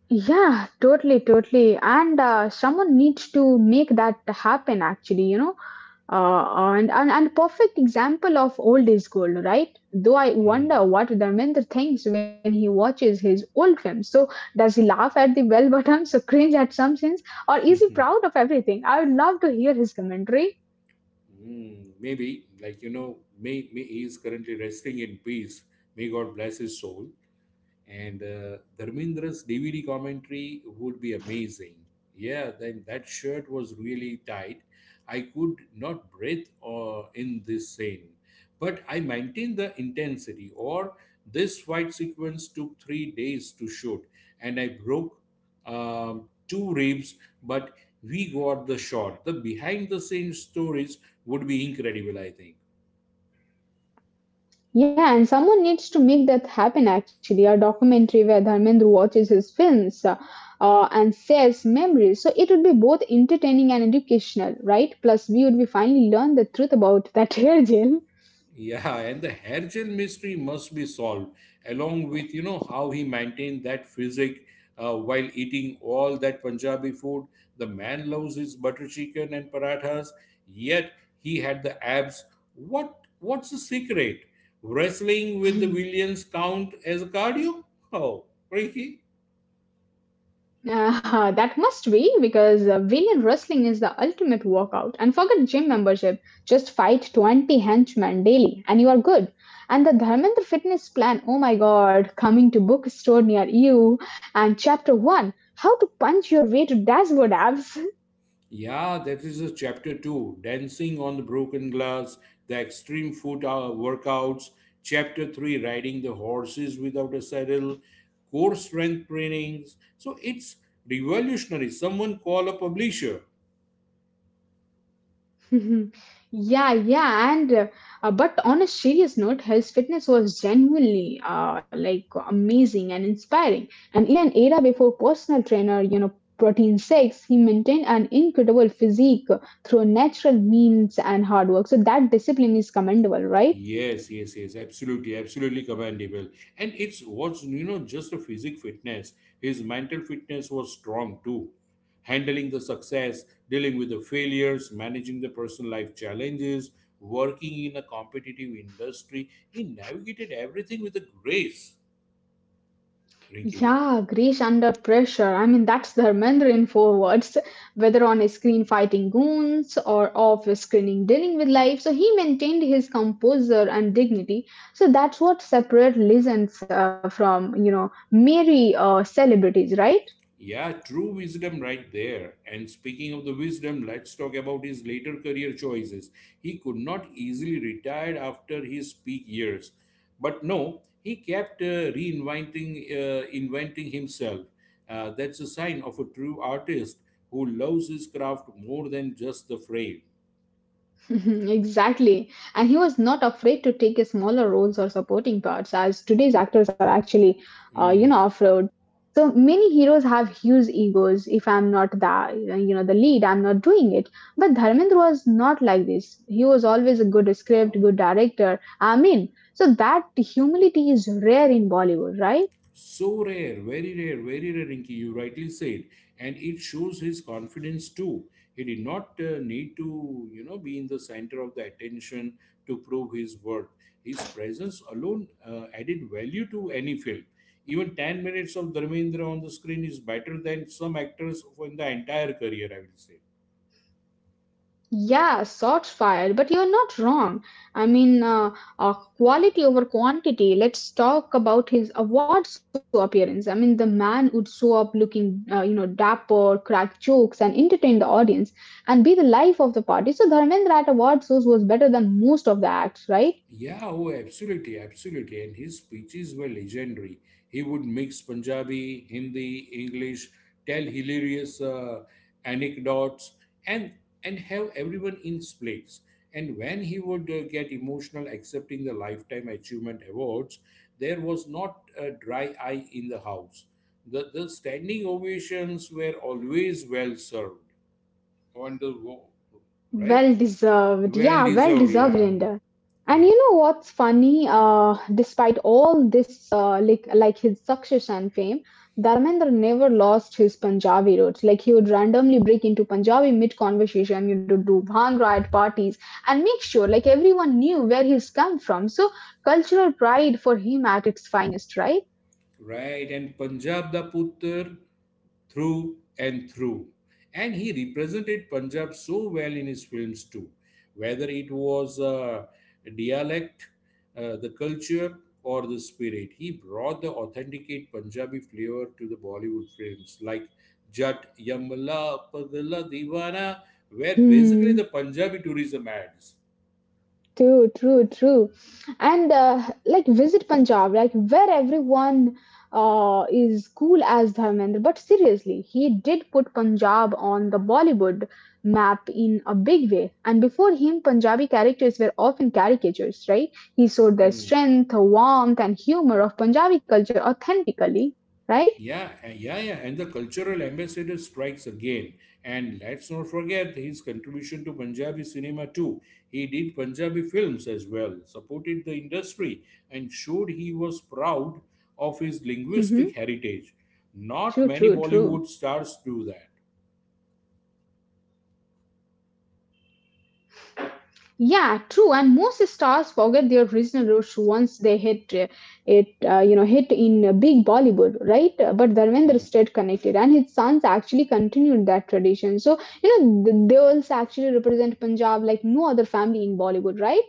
B: Yeah, totally, totally. And someone needs to make that happen, actually, you know. And perfect example of old is gold, right? Though I
A: Mm.
B: wonder what Dharmendra thinks when he watches his old films. So does he laugh at the bell bottoms or cringe at some scenes, or is he proud of everything? I would love to hear his commentary.
A: Mm, maybe, like, you know, may he is currently resting in peace. May God bless his soul. And Dharmendra's DVD commentary would be amazing. Yeah, then that shirt was really tight. I could not breathe in this scene, but I maintained the intensity. Or this fight sequence took 3 days to shoot, and I broke two ribs, but we got the shot. The behind the scenes stories would be incredible, I think.
B: Yeah, and someone needs to make that happen actually. A documentary where Dharmendra watches his films and shares memories. So it would be both entertaining and educational, right? Plus, we would be finally learn the truth about that hair gel.
A: Yeah, and the hair gel mystery must be solved, along with, you know, how he maintained that physique while eating all that Punjabi food. The man loves his butter chicken and parathas, yet he had the abs. What's the secret? Wrestling with the Williams count as a cardio? Oh, freaky.
B: That must be because villain wrestling is the ultimate workout. And forget gym membership, just fight 20 henchmen daily and you are good. And the Dharmendra fitness plan, oh my god, coming to bookstore near you. And chapter 1, how to punch your way to dashboard abs.
A: Yeah, that is a chapter two, dancing on the broken glass, the extreme foot workouts, chapter three, riding the horses without a saddle, core strength trainings. So it's revolutionary. Someone call a publisher.
B: Yeah, yeah, and but on a serious note, his fitness was genuinely like amazing and inspiring. And in an era before personal trainer, you know, protein shakes, he maintained an incredible physique through natural means and hard work. So that discipline is commendable, right?
A: Yes, yes, yes, absolutely, absolutely commendable. And it's was, you know, just a physic fitness. His mental fitness was strong too. Handling the success, dealing with the failures, managing the personal life challenges, working in a competitive industry, he navigated everything with a grace, Rinky.
B: Yeah, Greece under pressure. I mean, that's Dharmendra in four words. Whether on his screen fighting goons or off his screen dealing with life, so he maintained his composure and dignity. So that's what separates legends from, you know, merry celebrities, right?
A: Yeah, true wisdom right there. And speaking of the wisdom, let's talk about his later career choices. He could not easily retire after his peak years. But no, he kept reinventing inventing himself. That's a sign of a true artist who loves his craft more than just the frame.
B: Exactly. And he was not afraid to take smaller roles or supporting parts, as today's actors are actually, you
A: Hmm.
B: know, off-road. So many heroes have huge egos. If I'm not the, you know, the lead, I'm not doing it. But Dharmendra was not like this. He was always a good script, good director. I mean, so that humility is rare in Bollywood, right?
A: So rare, very rare, very rare, Rinki, you rightly said. And it shows his confidence too. He did not need to, you know, be in the center of the attention to prove his worth. His presence alone added value to any film. Even 10 minutes of Dharmendra on the screen is better than some actors for the entire career, I will say.
B: Yeah, shots fired, but you're not wrong. I mean, quality over quantity. Let's talk about his award show appearance. I mean, the man would show up looking, you know, dapper, crack jokes, and entertain the audience and be the life of the party. So, Dharmendra at award shows was better than most of the acts, right?
A: Yeah, oh, absolutely, absolutely. And his speeches were legendary. He would mix Punjabi, Hindi, English, tell hilarious anecdotes, and have everyone in splits. And when he would get emotional accepting the Lifetime Achievement Awards, there was not a dry eye in the house. The standing ovations were always well served. Wonderful, right?
B: Well deserved.
A: Well
B: Yeah, well
A: deserved,
B: deserved,
A: yeah.
B: Rinder. And
A: Yeah.
B: you know what's funny? Despite all this, like his success and fame, Dharmendra never lost his Punjabi roots. Like he would randomly break into Punjabi mid-conversation, you know, do bhangra at parties and make sure like everyone knew where he's come from. So cultural pride for him at its finest, right?
A: Right, and Punjab da Putar through and through. And he represented Punjab so well in his films too, whether it was dialect, the culture, or the spirit. He brought the authenticate Punjabi flavor to the Bollywood films like Jat, Yamla, Pagla, Divana, where basically
B: Hmm.
A: the Punjabi tourism ads.
B: True, true, true. And like visit Punjab, like where everyone is cool as Dharmendra. But seriously, he did put Punjab on the Bollywood map in a big way. And before him, Punjabi characters were often caricatures, right? He showed the
A: Hmm.
B: strength, warmth, and humor of Punjabi culture authentically, right?
A: Yeah, yeah, yeah. And the cultural ambassador strikes again. And let's not forget his contribution to Punjabi cinema too. He did Punjabi films as well, supported the industry, and showed he was proud of his
B: Hmm.
A: linguistic heritage. Not
B: True,
A: many
B: true,
A: Bollywood
B: true.
A: stars do that.
B: Yeah, true. And most stars forget their original roots once they hit you know, hit in big Bollywood, right? But
A: Hmm.
B: Dharmendra stayed connected, and his sons actually continued that tradition. So, you know, they also actually represent Punjab like no other family in Bollywood, right?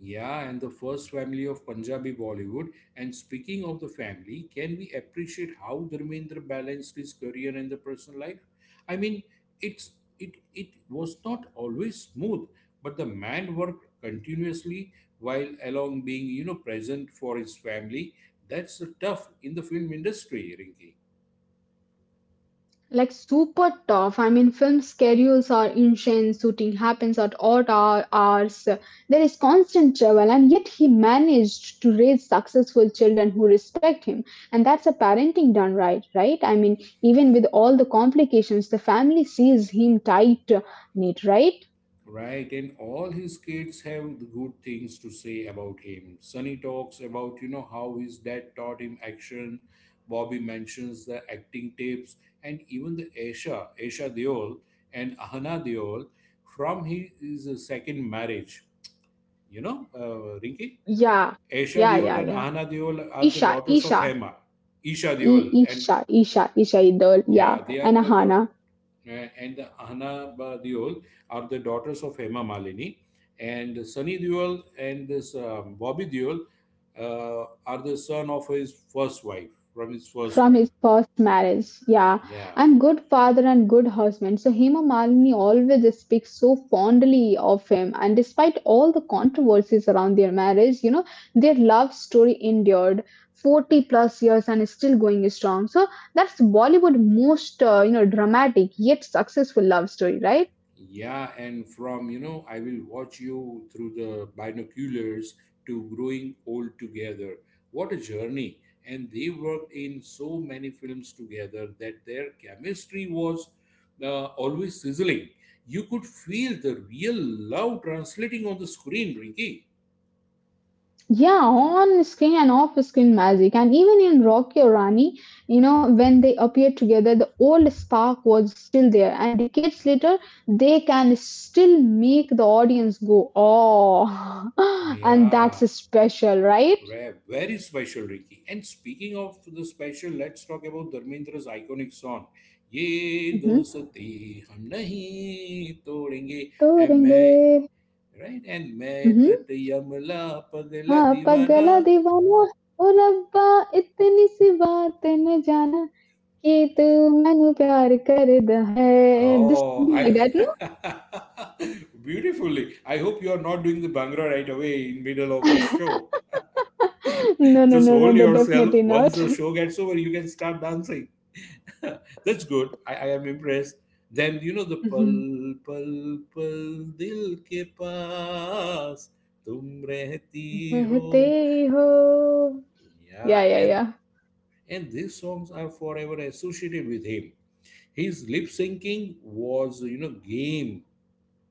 A: Yeah, and the first family of Punjabi Bollywood. And speaking of the family, can we appreciate how Dharmendra balanced his career and the personal life? I mean, it's it it was not always smooth, but the man worked continuously while along being, you know, present for his family. That's the tough in the film industry, Rinki.
B: Like super tough. I mean, film schedules are insane. Shooting happens at odd hours. There is constant travel, and yet he managed to raise successful children who respect him. And that's a parenting done right, right? I mean, even with all the complications, the family sees him tight knit, right?
A: Right, and all his kids have good things to say about him. Sonny talks about, you know, how his dad taught him action. Bobby mentions the acting tips, and even the Aisha Deol and Ahana Deol from his second marriage. You know, Rinki?
B: Yeah,
A: Aisha
B: yeah, yeah,
A: Deol and
B: yeah.
A: Ahana Deol are the
B: Isha,
A: daughters of
B: Isha,
A: Hema. Isha
B: I-
A: Deol, and
B: Isha, Isha, Isha, Idol, yeah,
A: yeah, they are
B: and
A: the da-
B: Ahana.
A: uh, and Hana Deol are the daughters of Hema Malini, and Sunny Deol and this Bobby Deol are the son of his first wife, from his first
B: From
A: wife.
B: his first marriage, yeah.
A: Yeah,
B: And good father and good husband, so Hema Malini always speaks so fondly of him, and despite all the controversies around their marriage, you know, their love story endured 40 plus years and is still going strong. So that's Bollywood most you know, dramatic yet successful love story, right?
A: yeah, and from, you know, I will watch you through the binoculars to growing old together. What a journey! And they worked in so many films together that their chemistry was always sizzling. You could feel the real love translating on the screen, Rinky.
B: Yeah, on screen and off screen magic. And even in Rocky or Rani, you know, when they appeared together, the old spark was still there. And decades later, they can still make the audience go, oh, and that's
A: Yeah.
B: special, right?
A: Rare, very special, Ricky. And speaking of the special, let's talk about Dharmendra's iconic song. Ye
B: Mm-hmm.
A: dosti hum nahi todenge and
B: तोड़ेंगे
A: main, right, and main
B: hmm
A: jat yamla pagla
B: हाँ पगला
A: diwana.
B: दीवाना ओ रब्बा इतनी सी बात न जाना कि तू मैनू प्यार करदा है this
A: Oh,
B: something like
A: I
B: that no
A: beautifully. I hope you are not doing the Bhangra right away in middle of this show.
B: No, no,
A: Just
B: no, no,
A: hold
B: no, definitely
A: yourself. Once
B: not.
A: the show gets over, you can start dancing. That's good. I am impressed. Then you know the pal
B: Mhm.
A: pal pal dil ke paas tum rehti
B: रहते
A: ho.
B: हो.
A: Yeah,
B: Yeah, yeah,
A: and
B: yeah.
A: these songs are forever associated with him. His lip syncing was, you know, game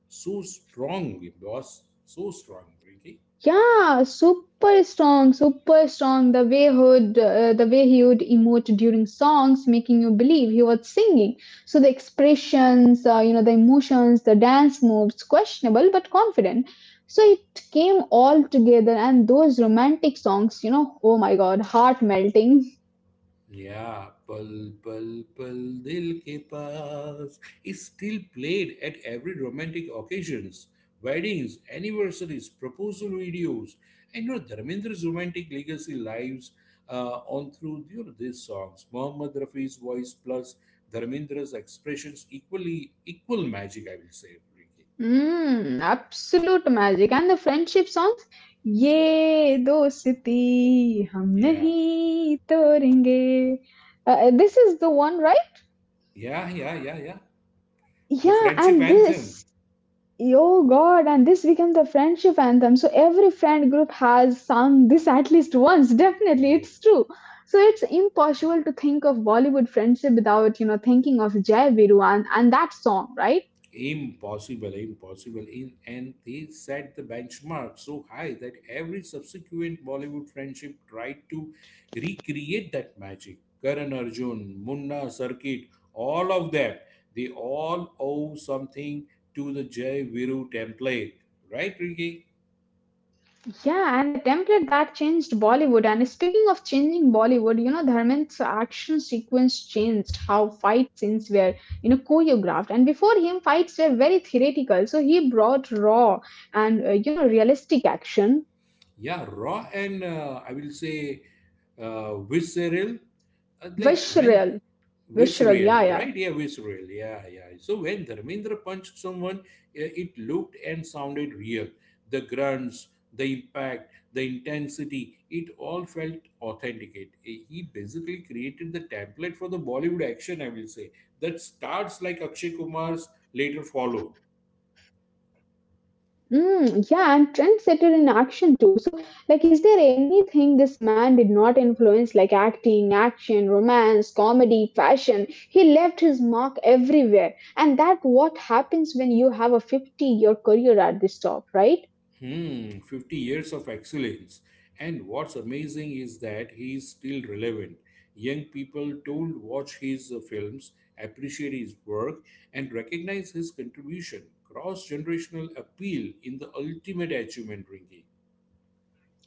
A: so strong. It was so strong, Ricky.
B: Yeah, super strong, super strong. The way he would the way he would emote during songs, making you believe he was singing. So the expressions, you know, the emotions, the dance moves, questionable but confident. So it came all together, and those romantic songs, you know, oh my god, heart melting.
A: Yeah, Pal Pal Pal Dil Ke Paas is still played at every romantic occasions, weddings, anniversaries, proposal videos, and, you know, Dharmendra's romantic legacy lives on through, you know, these songs. Mohammad Rafi's voice plus Dharmendra's expressions equally equal magic, I will say, Rinki.
B: Mm, absolute magic. And the friendship songs? ये दोस्ती हम
A: Yeah,
B: नहीं तोड़ेंगे. This is the one, right?
A: yeah, yeah, yeah, yeah. The
B: Yeah,
A: friendship
B: and
A: anthem.
B: this, oh God, and this became the friendship anthem. So every friend group has sung this at least once. Definitely, it's
A: Yes.
B: true. So it's impossible to think of Bollywood friendship without, you know, thinking of Jai Viru and that song, right?
A: Impossible, impossible. In, and they set the benchmark so high that every subsequent Bollywood friendship tried to recreate that magic. Karan Arjun, Munna, Circuit, all of them, they all owe something to the Jai Viru template. Right, Ricky?
B: Yeah, and the template that changed Bollywood. And speaking of changing Bollywood, you know, Dharmendra's action sequence changed how fight scenes were, you know, choreographed. And before him, fights were very theoretical. So he brought raw and, you know, realistic action,
A: Yeah, raw and, I will say, visceral, like when
B: visceral, visceral,
A: visceral
B: yeah, yeah.
A: right, yeah, visceral, yeah, yeah. So when Dharmendra punched someone, it looked and sounded real. The grunts, the impact, the intensity, it all felt authenticate. He basically created the template for the Bollywood action, I will say, that starts like Akshay Kumar's later followed.
B: Mm, yeah, and trendsetter in action too. So, like, is there anything this man did not influence, like acting, action, romance, comedy, fashion? He left his mark everywhere, and that what happens when you have a 50-year career at this top, right?
A: Hmm, 50 years of excellence. And what's amazing is that he is still relevant. Young people told watch his films, appreciate his work, and recognize his contribution. Cross generational appeal in the ultimate achievement, Ringy.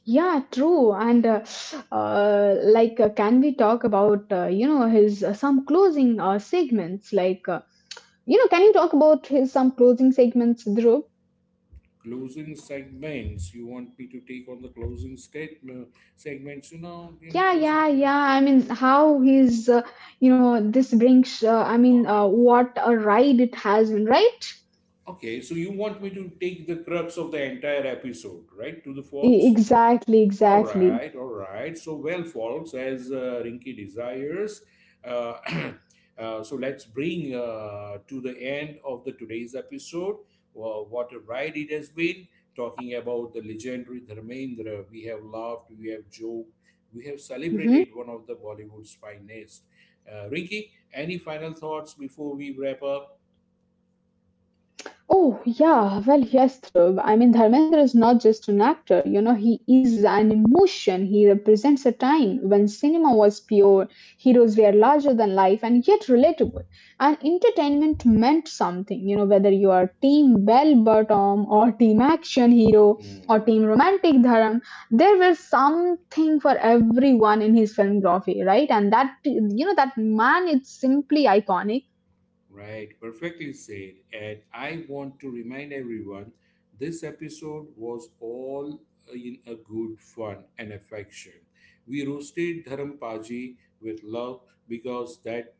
B: Yeah, true. And like, can we talk about you know, his some closing segments? Like, you know, can you talk about his some closing segments, Dhruv?
A: Closing segments. You want me to take on the closing statement segments?
B: Yeah,
A: Closing.
B: yeah, yeah. I mean, how he's, you know, this brings, I mean,
A: Ah,
B: what a ride it has been, right?
A: okay, so you want me to take the crux of the entire episode, right, to the folks?
B: Exactly,
A: All
B: exactly.
A: right, all right. So, well, folks, as Rinky desires, uh, so let's bring to the end of the today's episode. What a ride it has been talking about the legendary Dharmendra. We have laughed, we have joked, we have
B: Hmm.
A: celebrated one of the Bollywood's finest. Rinky, any final thoughts before we wrap up?
B: Oh, yeah, well, yes, Dhruv. I mean, Dharmendra is not just an actor, you know, he is an emotion. He represents a time when cinema was pure, heroes were larger than life and yet relatable. And entertainment meant something, you know, whether you are team bell bottom or team action hero
A: Hmm.
B: or team romantic Dharam, there was something for everyone in his filmography, right? And that, you know, that man, it's simply iconic.
A: Right, perfectly said. And I want to remind everyone this episode was all in a good fun and affection. We roasted Dharampaji with love because that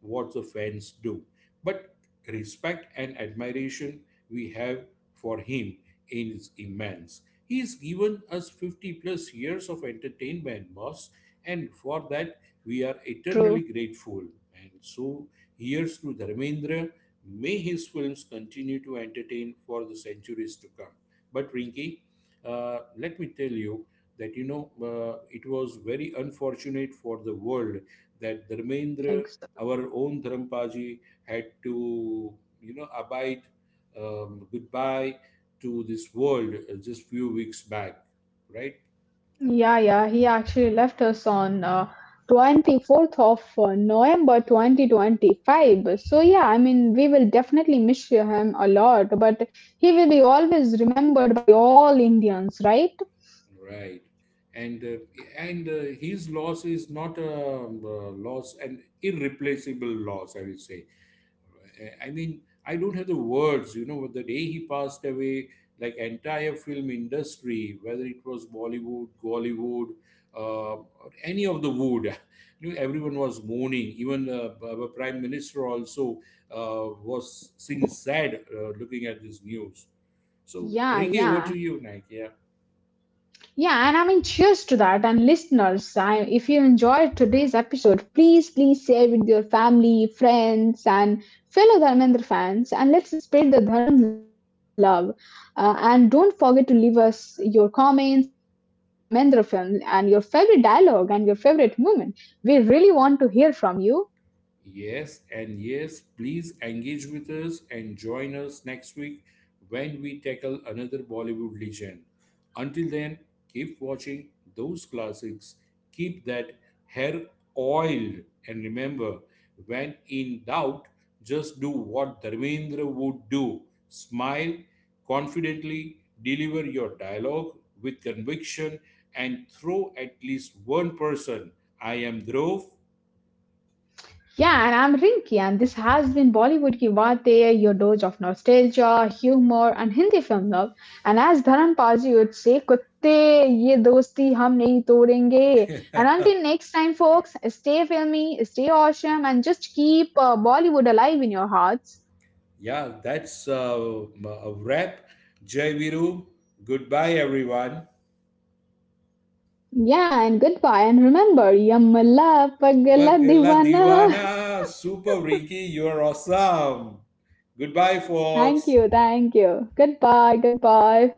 A: what the fans do. But respect and admiration we have for him is immense. He has given us 50 plus years of entertainment, boss, and for that we are
B: True.
A: eternally grateful. And so, here's to Dharmendra. May his films continue to entertain for the centuries to come. But, Rinki, let me tell you that, you know, it was very unfortunate for the world that Dharmendra,
B: Exactly.
A: our own Dharampaji, had to, you know, abide goodbye to this world just few weeks back, right?
B: Yeah, yeah, he actually left us on 24th of November 2025. So, yeah, I mean, we will definitely miss him a lot, but he will be always remembered by all Indians, right?
A: Right. And uh, and his loss is not a an irreplaceable loss, I will say. I mean, I don't have the words. You know, the day he passed away, like, entire film industry, whether it was Bollywood, Gollywood, or any of the wood, you know, everyone was mourning. Even our prime minister also was seeing sad looking at this news. So,
B: Yeah,
A: Ricky, over to
B: yeah.
A: you, Nike.
B: Yeah, and I mean, cheers to that. And listeners, if you enjoyed today's episode, please, please share with your family, friends, and fellow Dharmendra fans. And let's spread the Dharam love. And don't forget to leave us your comments and what's your favorite Dharmendra film and your favorite dialogue and your favorite moment. We really want to hear from you.
A: Yes, and yes, please engage with us and join us next week when we tackle another Bollywood legend. Until then, keep watching those classics, keep that hair oiled, and remember when in doubt, just do what Dharmendra would do, smile confidently, deliver your dialogue with conviction, and throw at least one person. I am Dhruv.
B: Yeah, and I'm Rinki, and this has been Bollywood Ki Baatein, your dose of nostalgia, humor, and Hindi film love. And as Dharan Paji would say, "Kutte ye dosti hum nahi todenge." And until next time, folks, stay filmy, stay awesome, and just keep Bollywood alive in your hearts.
A: Yeah, that's a wrap. Jai Viru. Goodbye, everyone.
B: Yeah, and goodbye, and remember, Yamala Pagala
A: Pagla
B: Divana.
A: Diwana. Super Rinky. You're awesome. Goodbye,
B: Thank
A: folks.
B: you, thank you. Goodbye, goodbye.